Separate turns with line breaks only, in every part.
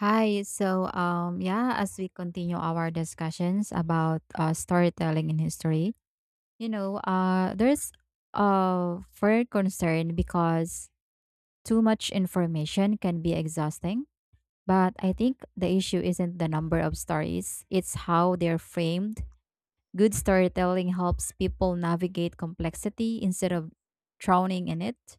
Hi. As we continue our discussions about storytelling in history, there's a fair concern because too much information can be exhausting. But I think the issue isn't the number of stories, it's how they're framed. Good storytelling helps people navigate complexity instead of drowning in it.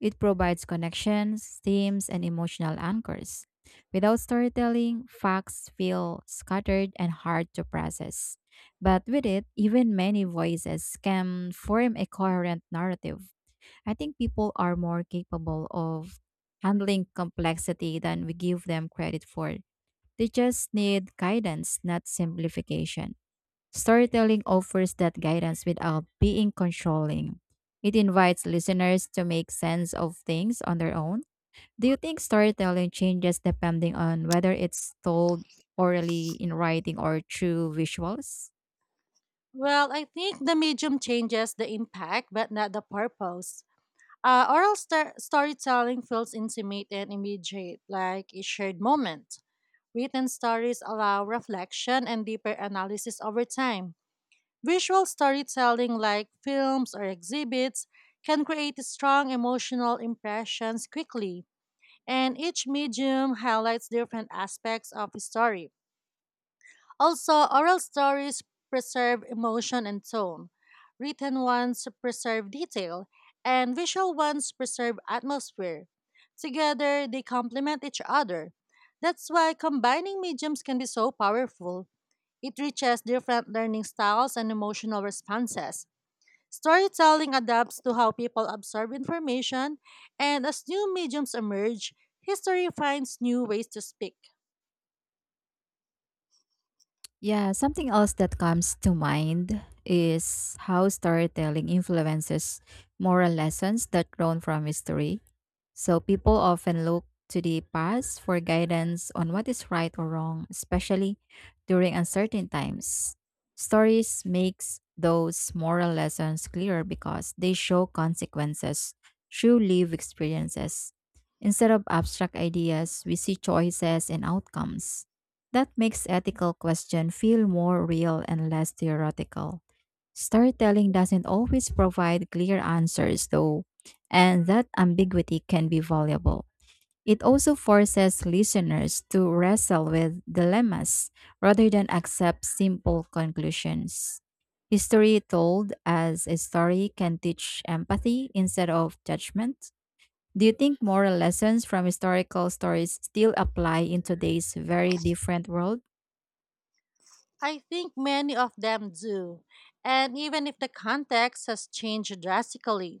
It provides connections, themes, and emotional anchors. Without storytelling, facts feel scattered and hard to process. But with it, even many voices can form a coherent narrative. I think people are more capable of handling complexity than we give them credit for. They just need guidance, not simplification. Storytelling offers that guidance without being controlling. It invites listeners to make sense of things on their own. Do you think storytelling changes depending on whether it's told orally in writing or through visuals?
Well, I think the medium changes the impact, but not the purpose. Storytelling feels intimate and immediate, like a shared moment. Written stories allow reflection and deeper analysis over time. Visual storytelling, like films or exhibits, can create strong emotional impressions quickly, and each medium highlights different aspects of a story. Also, oral stories preserve emotion and tone, written ones preserve detail, and visual ones preserve atmosphere. Together, they complement each other. That's why combining mediums can be so powerful. It reaches different learning styles and emotional responses. Storytelling adapts to how people absorb information, and as new mediums emerge, history finds new ways to speak.
Yeah, something else that comes to mind is how storytelling influences moral lessons that grown from history. So people often look to the past for guidance on what is right or wrong, especially during uncertain times. Stories makes those moral lessons clear because they show consequences through lived experiences. Instead of abstract ideas, we see choices and outcomes. That makes ethical question feel more real and less theoretical. Storytelling doesn't always provide clear answers though, and that ambiguity can be valuable. It also forces listeners to wrestle with dilemmas rather than accept simple conclusions. History told as a story can teach empathy instead of judgment. Do you think moral lessons from historical stories still apply in today's very different world?
I think many of them do. And even if the context has changed drastically,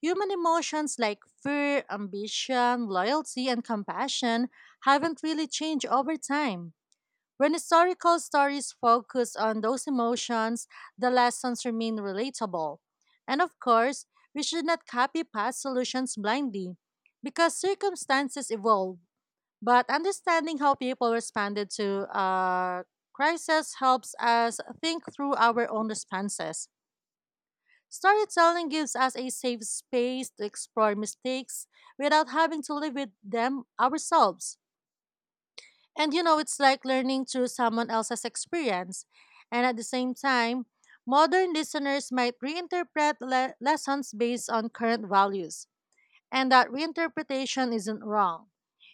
human emotions like fear, ambition, loyalty, and compassion haven't really changed over time. When historical stories focus on those emotions, the lessons remain relatable. And of course, we should not copy past solutions blindly because circumstances evolve but understanding how people responded to crisis helps us think through our own responses. Storytelling gives us a safe space to explore mistakes without having to live with them ourselves. And it's like learning through someone else's experience. And at the same time, modern listeners might reinterpret lessons based on current values. And that reinterpretation isn't wrong,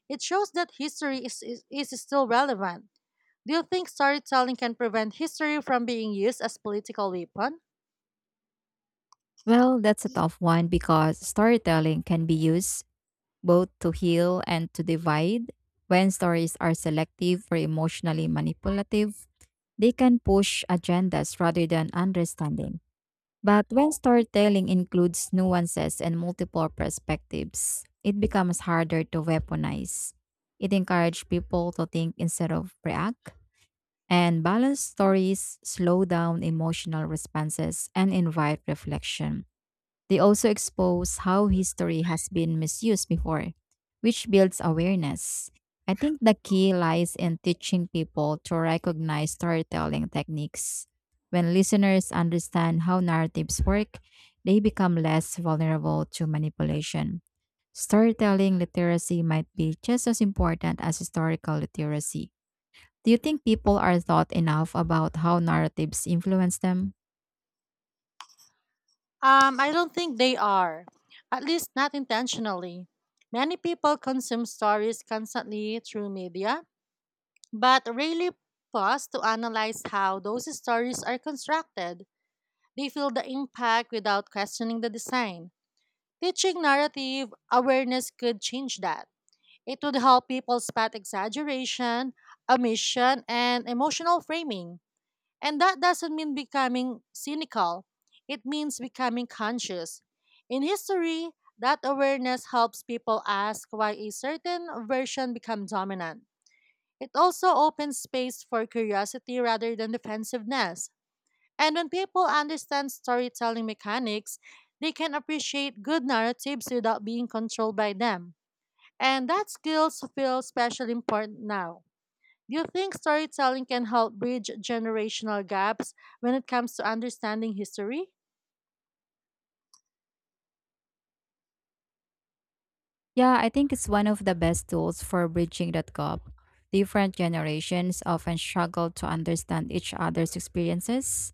it shows that history is still relevant. Do you think storytelling can prevent history from being used as political weapon?
Well, that's a tough one because storytelling can be used both to heal and to divide. When stories are selective or emotionally manipulative, they can push agendas rather than understanding. But when storytelling includes nuances and multiple perspectives, it becomes harder to weaponize. It encourages people to think instead of react. And balanced stories slow down emotional responses and invite reflection. They also expose how history has been misused before, which builds awareness. I think the key lies in teaching people to recognize storytelling techniques. When listeners understand how narratives work, they become less vulnerable to manipulation. Storytelling literacy might be just as important as historical literacy. Do you think people are thought enough about how narratives influence them?
I don't think they are, at least not intentionally. Many people consume stories constantly through media, but rarely pause to analyze how those stories are constructed. They feel the impact without questioning the design. Teaching narrative awareness could change that. It would help people spot exaggeration, omission, and emotional framing. And that doesn't mean becoming cynical, it means becoming conscious. In history, that awareness helps people ask why a certain version becomes dominant. It also opens space for curiosity rather than defensiveness. And when people understand storytelling mechanics, they can appreciate good narratives without being controlled by them. And that skills feel especially important now. Do you think storytelling can help bridge generational gaps when it comes to understanding history?
Yeah, I think it's one of the best tools for bridging that gap. Different generations often struggle to understand each other's experiences.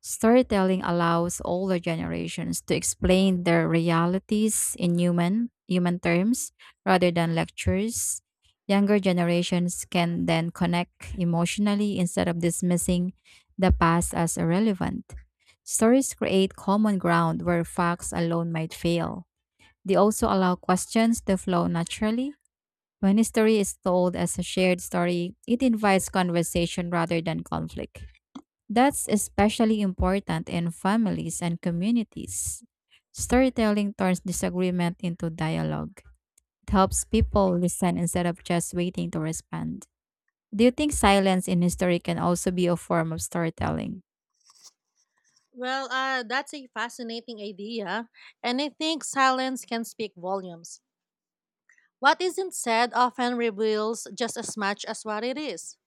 Storytelling allows older generations to explain their realities in human terms rather than lectures. Younger generations can then connect emotionally instead of dismissing the past as irrelevant. Stories create common ground where facts alone might fail. They also allow questions to flow naturally. When history is told as a shared story, it invites conversation rather than conflict. That's especially important in families and communities. Storytelling turns disagreement into dialogue. It helps people listen instead of just waiting to respond. Do you think silence in history can also be a form of storytelling?
Well, that's a fascinating idea, and I think silence can speak volumes. What isn't said often reveals just as much as what it is.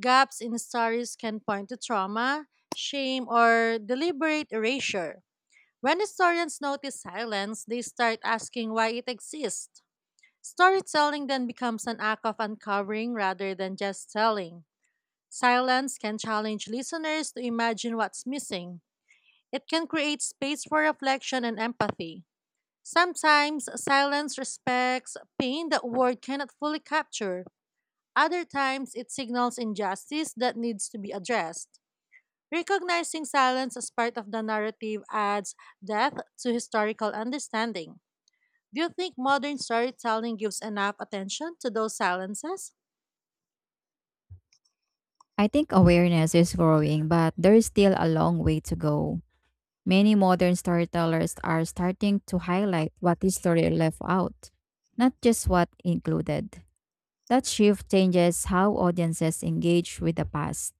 Gaps in stories can point to trauma, shame, or deliberate erasure. When historians notice silence, they start asking why it exists. Storytelling then becomes an act of uncovering rather than just telling. Silence can challenge listeners to imagine what's missing. It can create space for reflection and empathy. Sometimes silence respects pain that word cannot fully capture. Other times it signals injustice that needs to be addressed. Recognizing silence as part of the narrative adds depth to historical understanding. Do you think modern storytelling gives enough attention to those silences?
I think awareness is growing, but there is still a long way to go. Many modern storytellers are starting to highlight what history left out, not just what included. That shift changes how audiences engage with the past.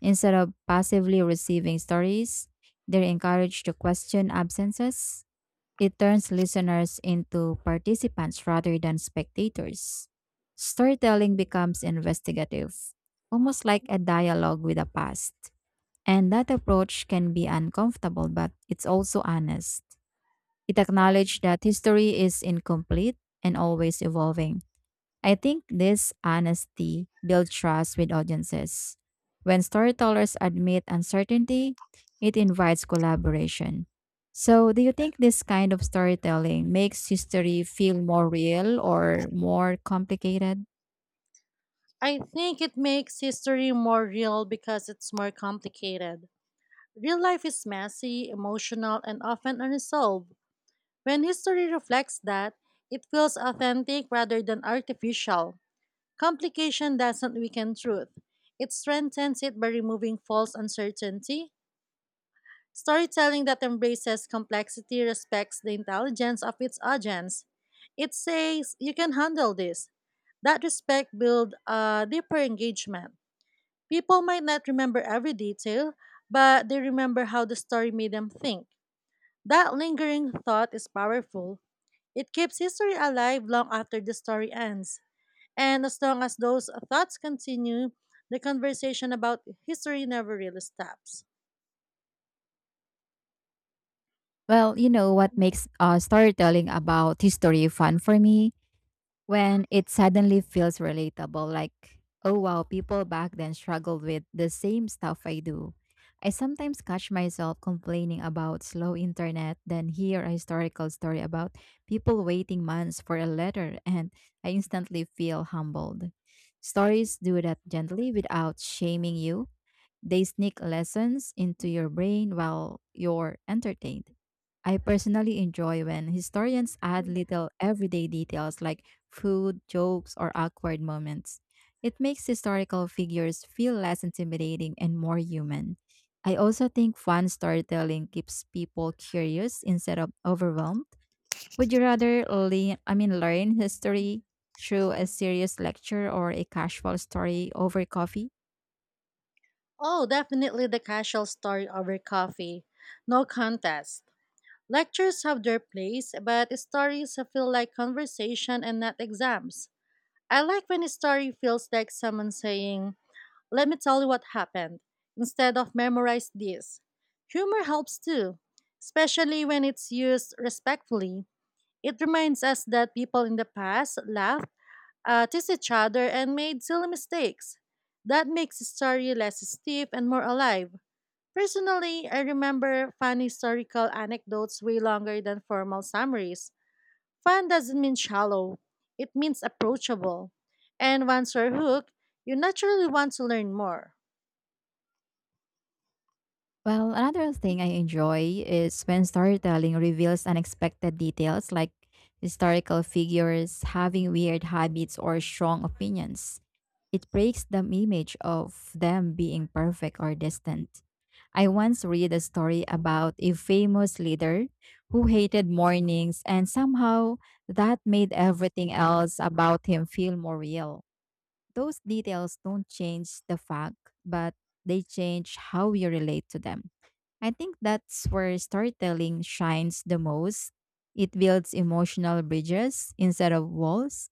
Instead of passively receiving stories, they're encouraged to question absences. It turns listeners into participants rather than spectators. Storytelling becomes investigative, almost like a dialogue with the past. And that approach can be uncomfortable, but it's also honest. It acknowledges that history is incomplete and always evolving. I think this honesty builds trust with audiences. When storytellers admit uncertainty, it invites collaboration. So, do you think this kind of storytelling makes history feel more real or more complicated?
I think it makes history more real because it's more complicated. Real life is messy, emotional, and often unresolved. When history reflects that, it feels authentic rather than artificial. Complication doesn't weaken truth, it strengthens it by removing false uncertainty. Storytelling that embraces complexity respects the intelligence of its audience. It says, You can handle this. That respect builds a deeper engagement. People might not remember every detail, but they remember how the story made them think. That lingering thought is powerful. It keeps history alive long after the story ends. And as long as those thoughts continue, the conversation about history never really stops.
Well, you know what makes storytelling about history fun for me? When it suddenly feels relatable, like, oh wow, people back then struggled with the same stuff I do. I sometimes catch myself complaining about slow internet, then hear a historical story about people waiting months for a letter, and I instantly feel humbled. Stories do that gently without shaming you. They sneak lessons into your brain while you're entertained. I personally enjoy when historians add little everyday details like food, jokes, or awkward moments. It makes historical figures feel less intimidating and more human. I also think fun storytelling keeps people curious instead of overwhelmed. Would you rather learn history through a serious lecture or a casual story over coffee?
Oh, definitely the casual story over coffee. No contest. Lectures have their place, but stories feel like conversation and not exams. I like when a story feels like someone saying, Let me tell you what happened. Instead of memorize this. Humor helps too, especially when it's used respectfully. It reminds us that people in the past laughed, teased each other, and made silly mistakes. That makes the story less stiff and more alive. Personally, I remember fun historical anecdotes way longer than formal summaries. Fun doesn't mean shallow, it means approachable. And once you're hooked, you naturally want to learn more.
Well, another thing I enjoy is when storytelling reveals unexpected details, like historical figures having weird habits or strong opinions. It breaks the image of them being perfect or distant. I once read a story about a famous leader who hated mornings, and somehow that made everything else about him feel more real. Those details don't change the fact, but they change how we relate to them. I think that's where storytelling shines the most. It builds emotional bridges instead of walls.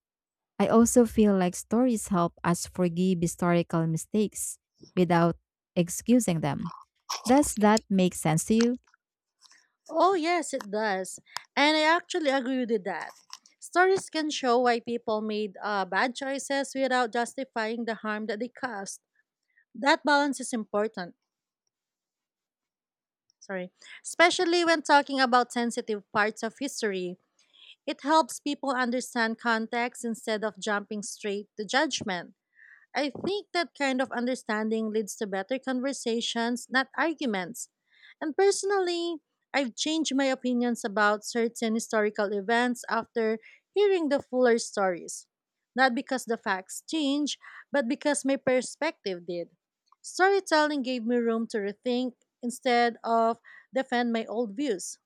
I also feel like stories help us forgive historical mistakes without excusing them. Does that make sense to you?
Oh, yes, it does. And I actually agree with that. Stories can show why people made bad choices without justifying the harm that they caused. That balance is important. Sorry. Especially when talking about sensitive parts of history, it helps people understand context instead of jumping straight to judgment. I think that kind of understanding leads to better conversations, not arguments. And personally, I've changed my opinions about certain historical events after hearing the fuller stories. Not because the facts change, but because my perspective did. Storytelling gave me room to rethink instead of defend my old views.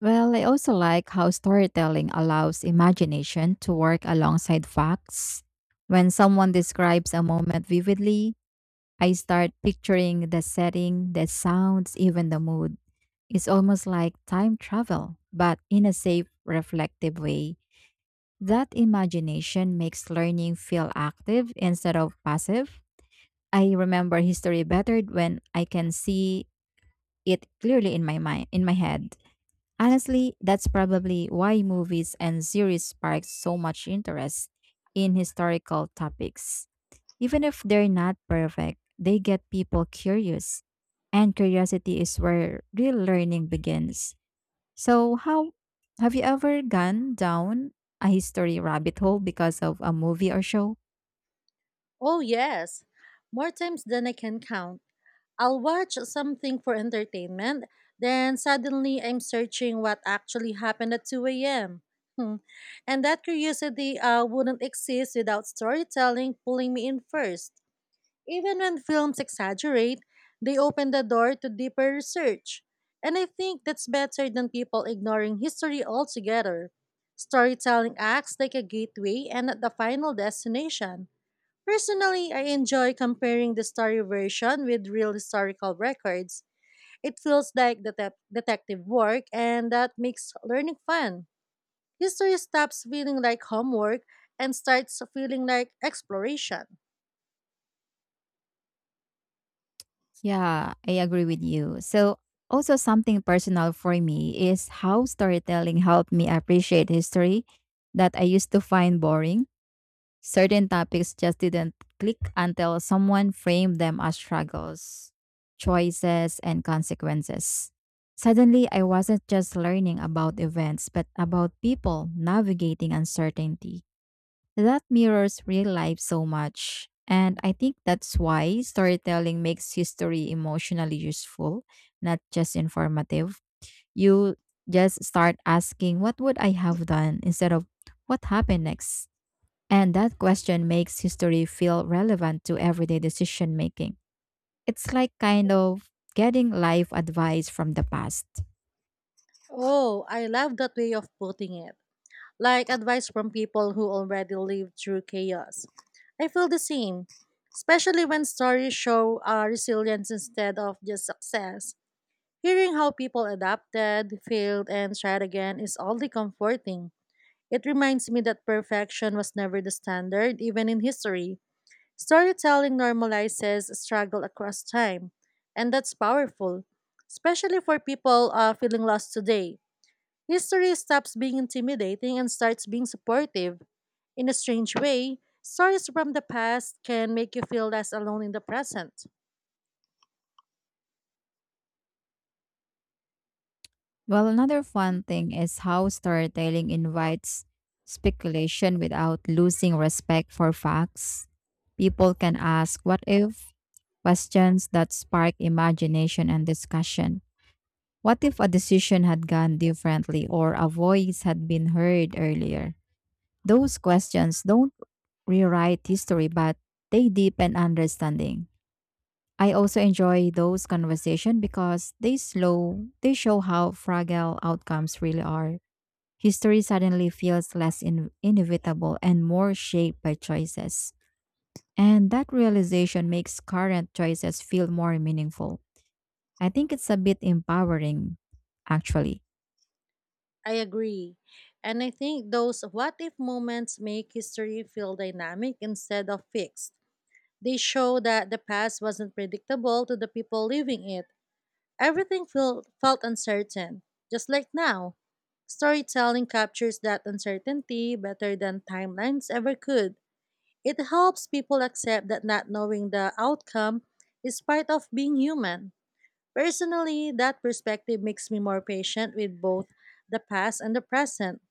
Well, I also like how storytelling allows imagination to work alongside facts. When someone describes a moment vividly, I start picturing the setting, the sounds, even the mood. It's almost like time travel, but in a safe, reflective way. That imagination makes learning feel active instead of passive. I remember history better when I can see it clearly in my mind, in my head. Honestly, that's probably why movies and series spark so much interest in historical topics. Even if they're not perfect, they get people curious. And curiosity is where real learning begins. So, how Have you ever gone down a history rabbit hole because of a movie or show?
Oh, yes, more times than I can count. I'll watch something for entertainment, then suddenly I'm searching what actually happened at 2 a.m. Hmm. And that curiosity wouldn't exist without storytelling pulling me in first. Even when films exaggerate, they open the door to deeper research. And I think that's better than people ignoring history altogether. Storytelling acts like a gateway and not the final destination. Personally, I enjoy comparing the story version with real historical records. It feels like detective work, and that makes learning fun. History stops feeling like homework and starts feeling like exploration.
Yeah, I agree with you. So, also something personal for me is how storytelling helped me appreciate history that I used to find boring. Certain topics just didn't click until someone framed them as struggles, choices, and consequences. Suddenly, I wasn't just learning about events, but about people navigating uncertainty. That mirrors real life so much. And I think that's why storytelling makes history emotionally useful, not just informative. You just start asking, "What would I have done?" instead of "What happened next?" And that question makes history feel relevant to everyday decision making. It's like, kind of getting life advice from the past.
Oh, I love that way of putting it. Like advice from people who already lived through chaos. I feel the same, especially when stories show resilience instead of just success. Hearing how people adapted, failed, and tried again is oddly comforting. It reminds me that perfection was never the standard, even in history. Storytelling normalizes struggle across time, and that's powerful, especially for people feeling lost today. History stops being intimidating and starts being supportive. In a strange way, stories from the past can make you feel less alone in the present.
Well, another fun thing is how storytelling invites speculation without losing respect for facts. People can ask what if questions that spark imagination and discussion. What if a decision had gone differently or a voice had been heard earlier? Those questions don't rewrite history, but they deepen understanding. I also enjoy those conversations because they show how fragile outcomes really are. History suddenly feels less inevitable and more shaped by choices. And that realization makes current choices feel more meaningful. I think it's a bit empowering, actually.
I agree. And I think those what if moments make history feel dynamic instead of fixed. They show that the past wasn't predictable to the people living it. Everything felt uncertain, just like now. Storytelling captures that uncertainty better than timelines ever could. It helps people accept that not knowing the outcome is part of being human. Personally, that perspective makes me more patient with both the past and the present.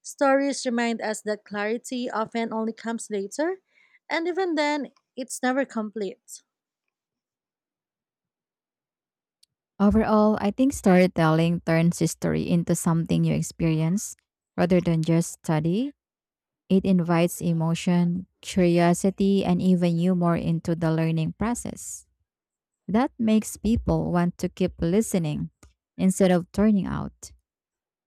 Stories remind us that clarity often only comes later, and even then, it's never complete.
Overall, I think storytelling turns history into something you experience rather than just study. It invites emotion, curiosity, and even humor into the learning process. That makes people want to keep listening instead of turning out.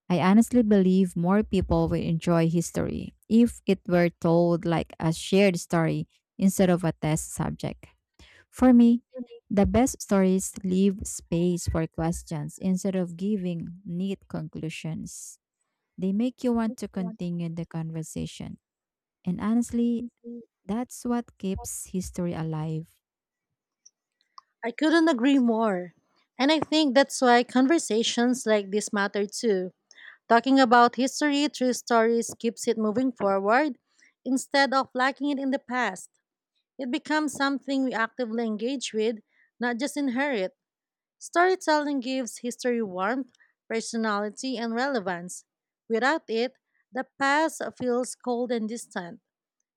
I honestly believe more people will enjoy history if it were told like a shared story instead of a test subject. For me, the best stories leave space for questions instead of giving neat conclusions. They make you want to continue the conversation. And honestly, that's what keeps history alive.
I couldn't agree more. And I think that's why conversations like this matter too. Talking about history through stories keeps it moving forward instead of lacking it in the past. It becomes something we actively engage with, not just inherit. Storytelling gives history warmth, personality, and relevance. Without it, the past feels cold and distant.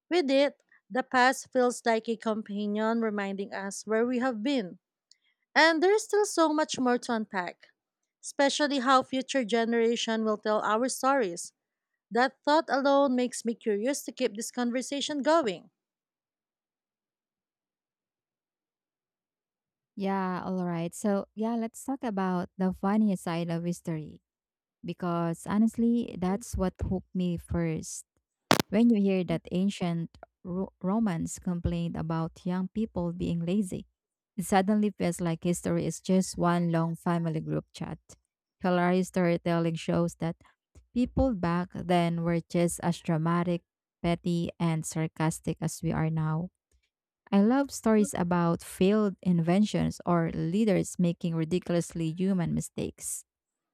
With it, the past feels like a companion reminding us where we have been. And there is still so much more to unpack, especially how future generation will tell our stories. That thought alone makes me curious to keep this conversation going.
Yeah, all right. So, yeah, let's talk about the funny side of history because honestly, that's what hooked me first. When you hear that ancient Romans complained about young people being lazy, it suddenly feels like history is just one long family group chat. Hilarious storytelling shows that people back then were just as dramatic, petty, and sarcastic as we are now. I love stories about failed inventions or leaders making ridiculously human mistakes.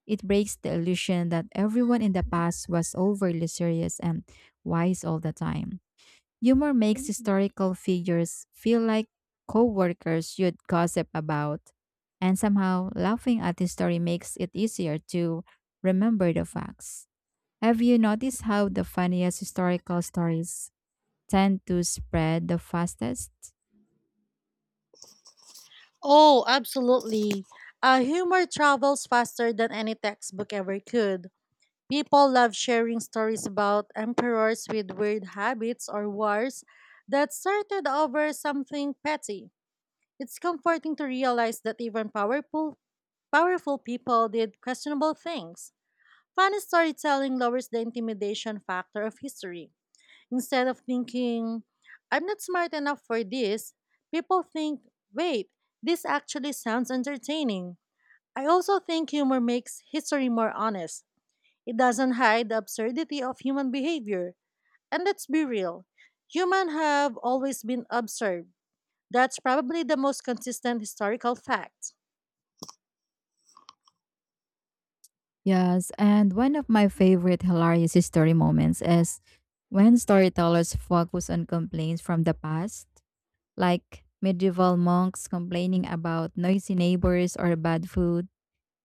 It breaks the illusion that everyone in the past was overly serious and wise all the time. Humor makes historical figures feel like coworkers you'd gossip about, and somehow laughing at the story makes it easier to remember the facts. Have you noticed how the funniest historical stories tend to spread the fastest?
Oh, absolutely. Humor travels faster than any textbook ever could. People love sharing stories about emperors with weird habits or wars that started over something petty. It's comforting to realize that even powerful people did questionable things. Funny storytelling lowers the intimidation factor of history. Instead of thinking, I'm not smart enough for this, people think, wait, this actually sounds entertaining. I also think humor makes history more honest, it doesn't hide the absurdity of human behavior. And let's be real, humans have always been absurd. That's probably the most consistent historical fact.
Yes, and one of my favorite hilarious story moments is when storytellers focus on complaints from the past, like medieval monks complaining about noisy neighbors or bad food.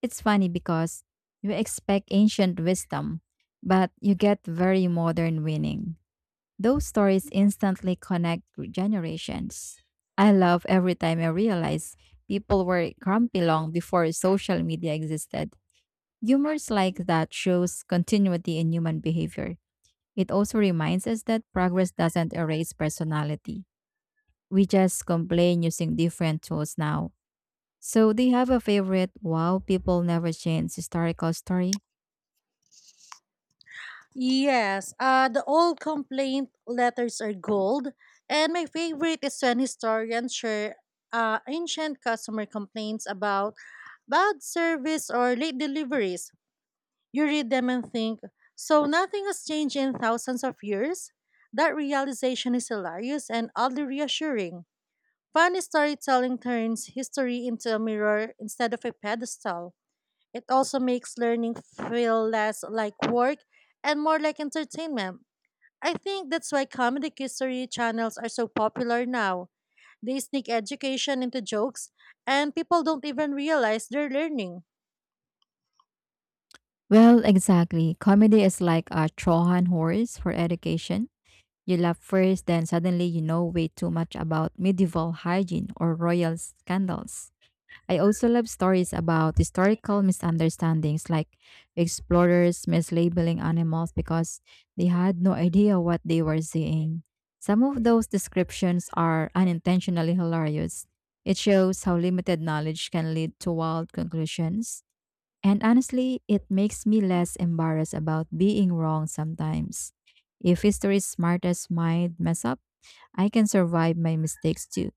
It's funny because you expect ancient wisdom, but you get very modern winning. Those stories instantly connect with generations. I love every time I realize people were grumpy long before social media existed. Humors like that shows continuity in human behavior. It also reminds us that progress doesn't erase personality. We just complain using different tools now. So, do you have a favorite wow people never change historical story?
Yes, the old complaint letters are gold, and my favorite is when historians share ancient customer complaints about bad service or late deliveries. You read them and think, so nothing has changed in thousands of years? That realization is hilarious and oddly reassuring. Funny storytelling turns history into a mirror instead of a pedestal. It also makes learning feel less like work and more like entertainment. I think that's why comedic history channels are so popular now. They sneak education into jokes, and people don't even realize they're learning.
Well, exactly. Comedy is like a Trojan horse for education. You laugh first, then suddenly you know way too much about medieval hygiene or royal scandals. I also love stories about historical misunderstandings, like explorers mislabeling animals because they had no idea what they were seeing. Some of those descriptions are unintentionally hilarious. It shows how limited knowledge can lead to wild conclusions. And honestly, it makes me less embarrassed about being wrong sometimes. If history's smartest mind mess up, I can survive my mistakes too.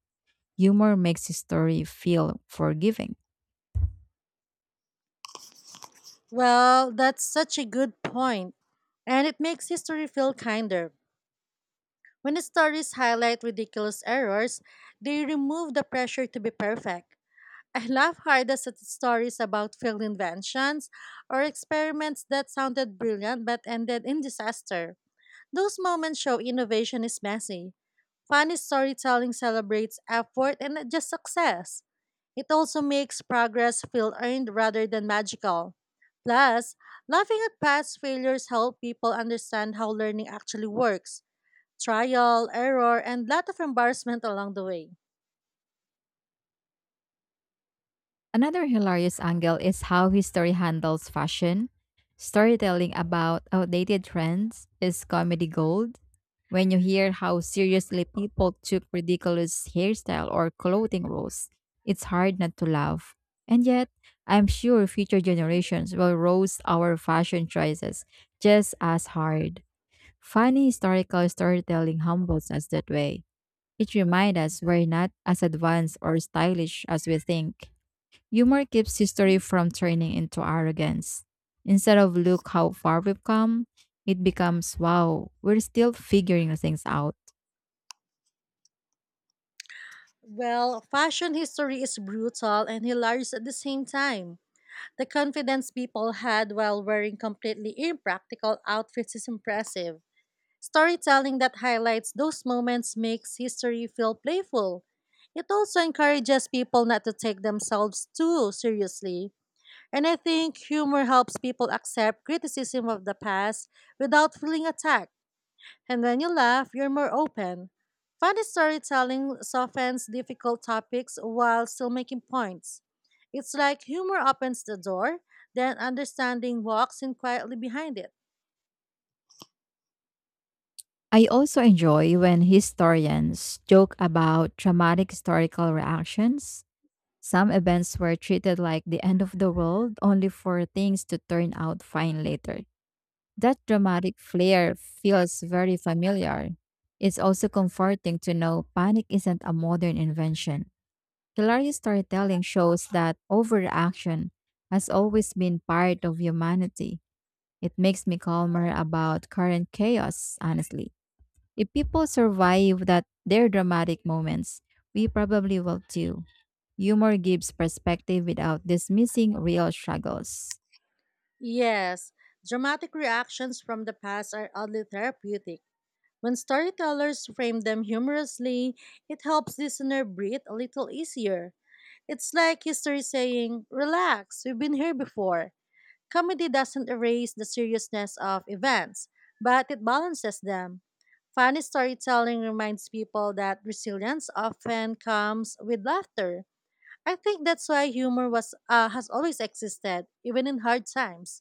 Humor makes history feel forgiving.
Well, that's such a good point, and it makes history feel kinder. When stories highlight ridiculous errors, they remove the pressure to be perfect. I laugh hardest at stories about failed inventions or experiments that sounded brilliant but ended in disaster. Those moments show innovation is messy. Funny storytelling celebrates effort and not just success. It also makes progress feel earned rather than magical. Plus, laughing at past failures help people understand how learning actually works, trial, error, and lot of embarrassment along the way.
Another hilarious angle is how history handles fashion. Storytelling about outdated trends is comedy gold. When you hear how seriously people took ridiculous hairstyle or clothing rules, it's hard not to laugh. And yet, I'm sure future generations will roast our fashion choices just as hard. Funny historical storytelling humbles us that way. It reminds us we're not as advanced or stylish as we think. Humor keeps history from turning into arrogance. Instead of "look how far we've come," it becomes "wow, we're still figuring things out."
Well, fashion history is brutal and hilarious at the same time. The confidence people had while wearing completely impractical outfits is impressive. Storytelling that highlights those moments makes history feel playful. It also encourages people not to take themselves too seriously. And I think humor helps people accept criticism of the past without feeling attacked. And when you laugh, you're more open. Funny storytelling softens difficult topics while still making points. It's like humor opens the door, then understanding walks in quietly behind it.
I also enjoy when historians joke about dramatic historical reactions. Some events were treated like the end of the world only for things to turn out fine later. That dramatic flair feels very familiar. It's also comforting to know panic isn't a modern invention. Hilarious storytelling shows that overreaction has always been part of humanity. It makes me calmer about current chaos, honestly. If people survive that their dramatic moments, we probably will too. Humor gives perspective without dismissing real struggles.
Yes, dramatic reactions from the past are oddly therapeutic. When storytellers frame them humorously, it helps listener breathe a little easier. It's like history saying, "Relax, we've been here before." Comedy doesn't erase the seriousness of events, but it balances them. Funny storytelling reminds people that resilience often comes with laughter. I think that's why humor was has always existed, even in hard times.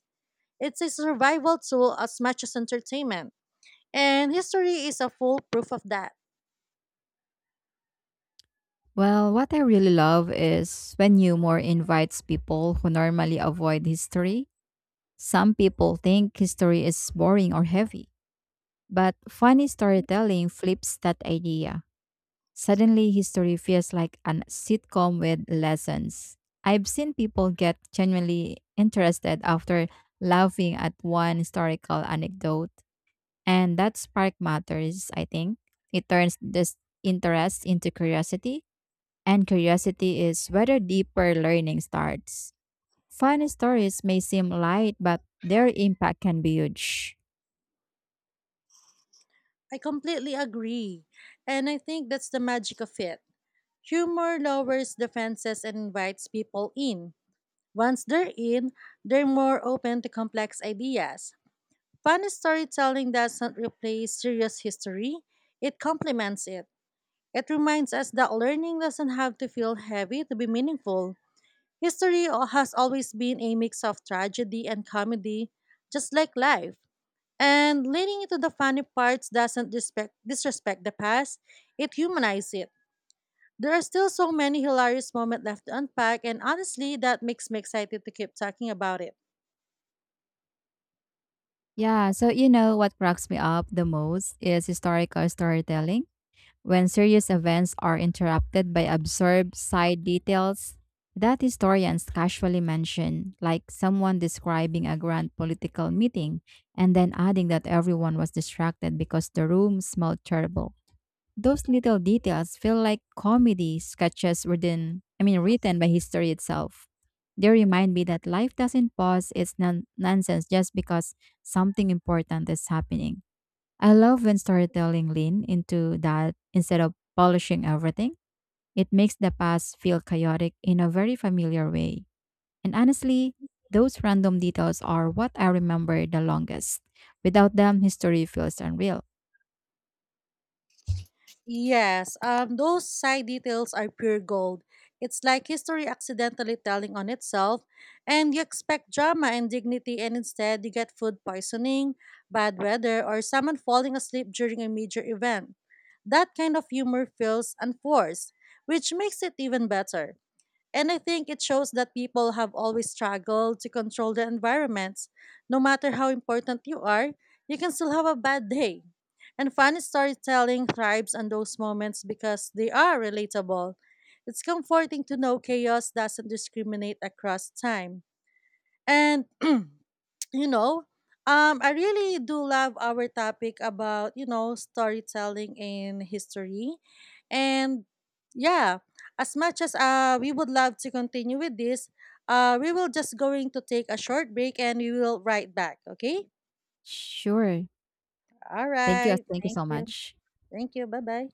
It's a survival tool as much as entertainment. And history is a full proof of that.
Well, what I really love is when humor invites people who normally avoid history. Some people think history is boring or heavy, but funny storytelling flips that idea. Suddenly, history feels like a sitcom with lessons. I've seen people get genuinely interested after laughing at one historical anecdote, and that spark matters, I think. It turns this interest into curiosity, and curiosity is where deeper learning starts. Funny stories may seem light, but their impact can be huge.
I completely agree. And I think that's the magic of it. Humor lowers defenses and invites people in. Once they're in, they're more open to complex ideas. Fun storytelling doesn't replace serious history, it complements it. It reminds us that learning doesn't have to feel heavy to be meaningful. Has always been a mix of tragedy and comedy, just like life. And leaning into the funny parts doesn't disrespect the past, it humanizes it. There are still so many hilarious moments left to unpack, and honestly, that makes me excited to keep talking about it.
Yeah, so you know what cracks me up the most is historical storytelling. When serious events are interrupted by absurd side details that historians casually mention, like someone describing a grand political meeting and then adding that everyone was distracted because the room smelled terrible. Those little details feel like comedy sketches written by history itself. They remind me that life doesn't pause its nonsense just because something important is happening. I love when storytelling lean into that instead of polishing everything. It makes the past feel chaotic in a very familiar way. And honestly, those random details are what I remember the longest. Without them, history feels unreal.
Yes, those side details are pure gold. It's like history accidentally telling on itself, and you expect drama and dignity, and instead you get food poisoning, bad weather, or someone falling asleep during a major event. That kind of humor feels unforced, which makes it even better. And I think it shows that people have always struggled to control their environments. No matter how important you are, you can still have a bad day. And funny storytelling thrives on those moments because they are relatable. It's comforting to know chaos doesn't discriminate across time. And you know, I really do love our topic about storytelling in history, and yeah, as much as we would love to continue with this, we will just going to take a short break and we will right back. Okay.
Sure.
All
Thank you.
right.
Thank you
Thank
so
you.
much.
Thank you. Bye bye.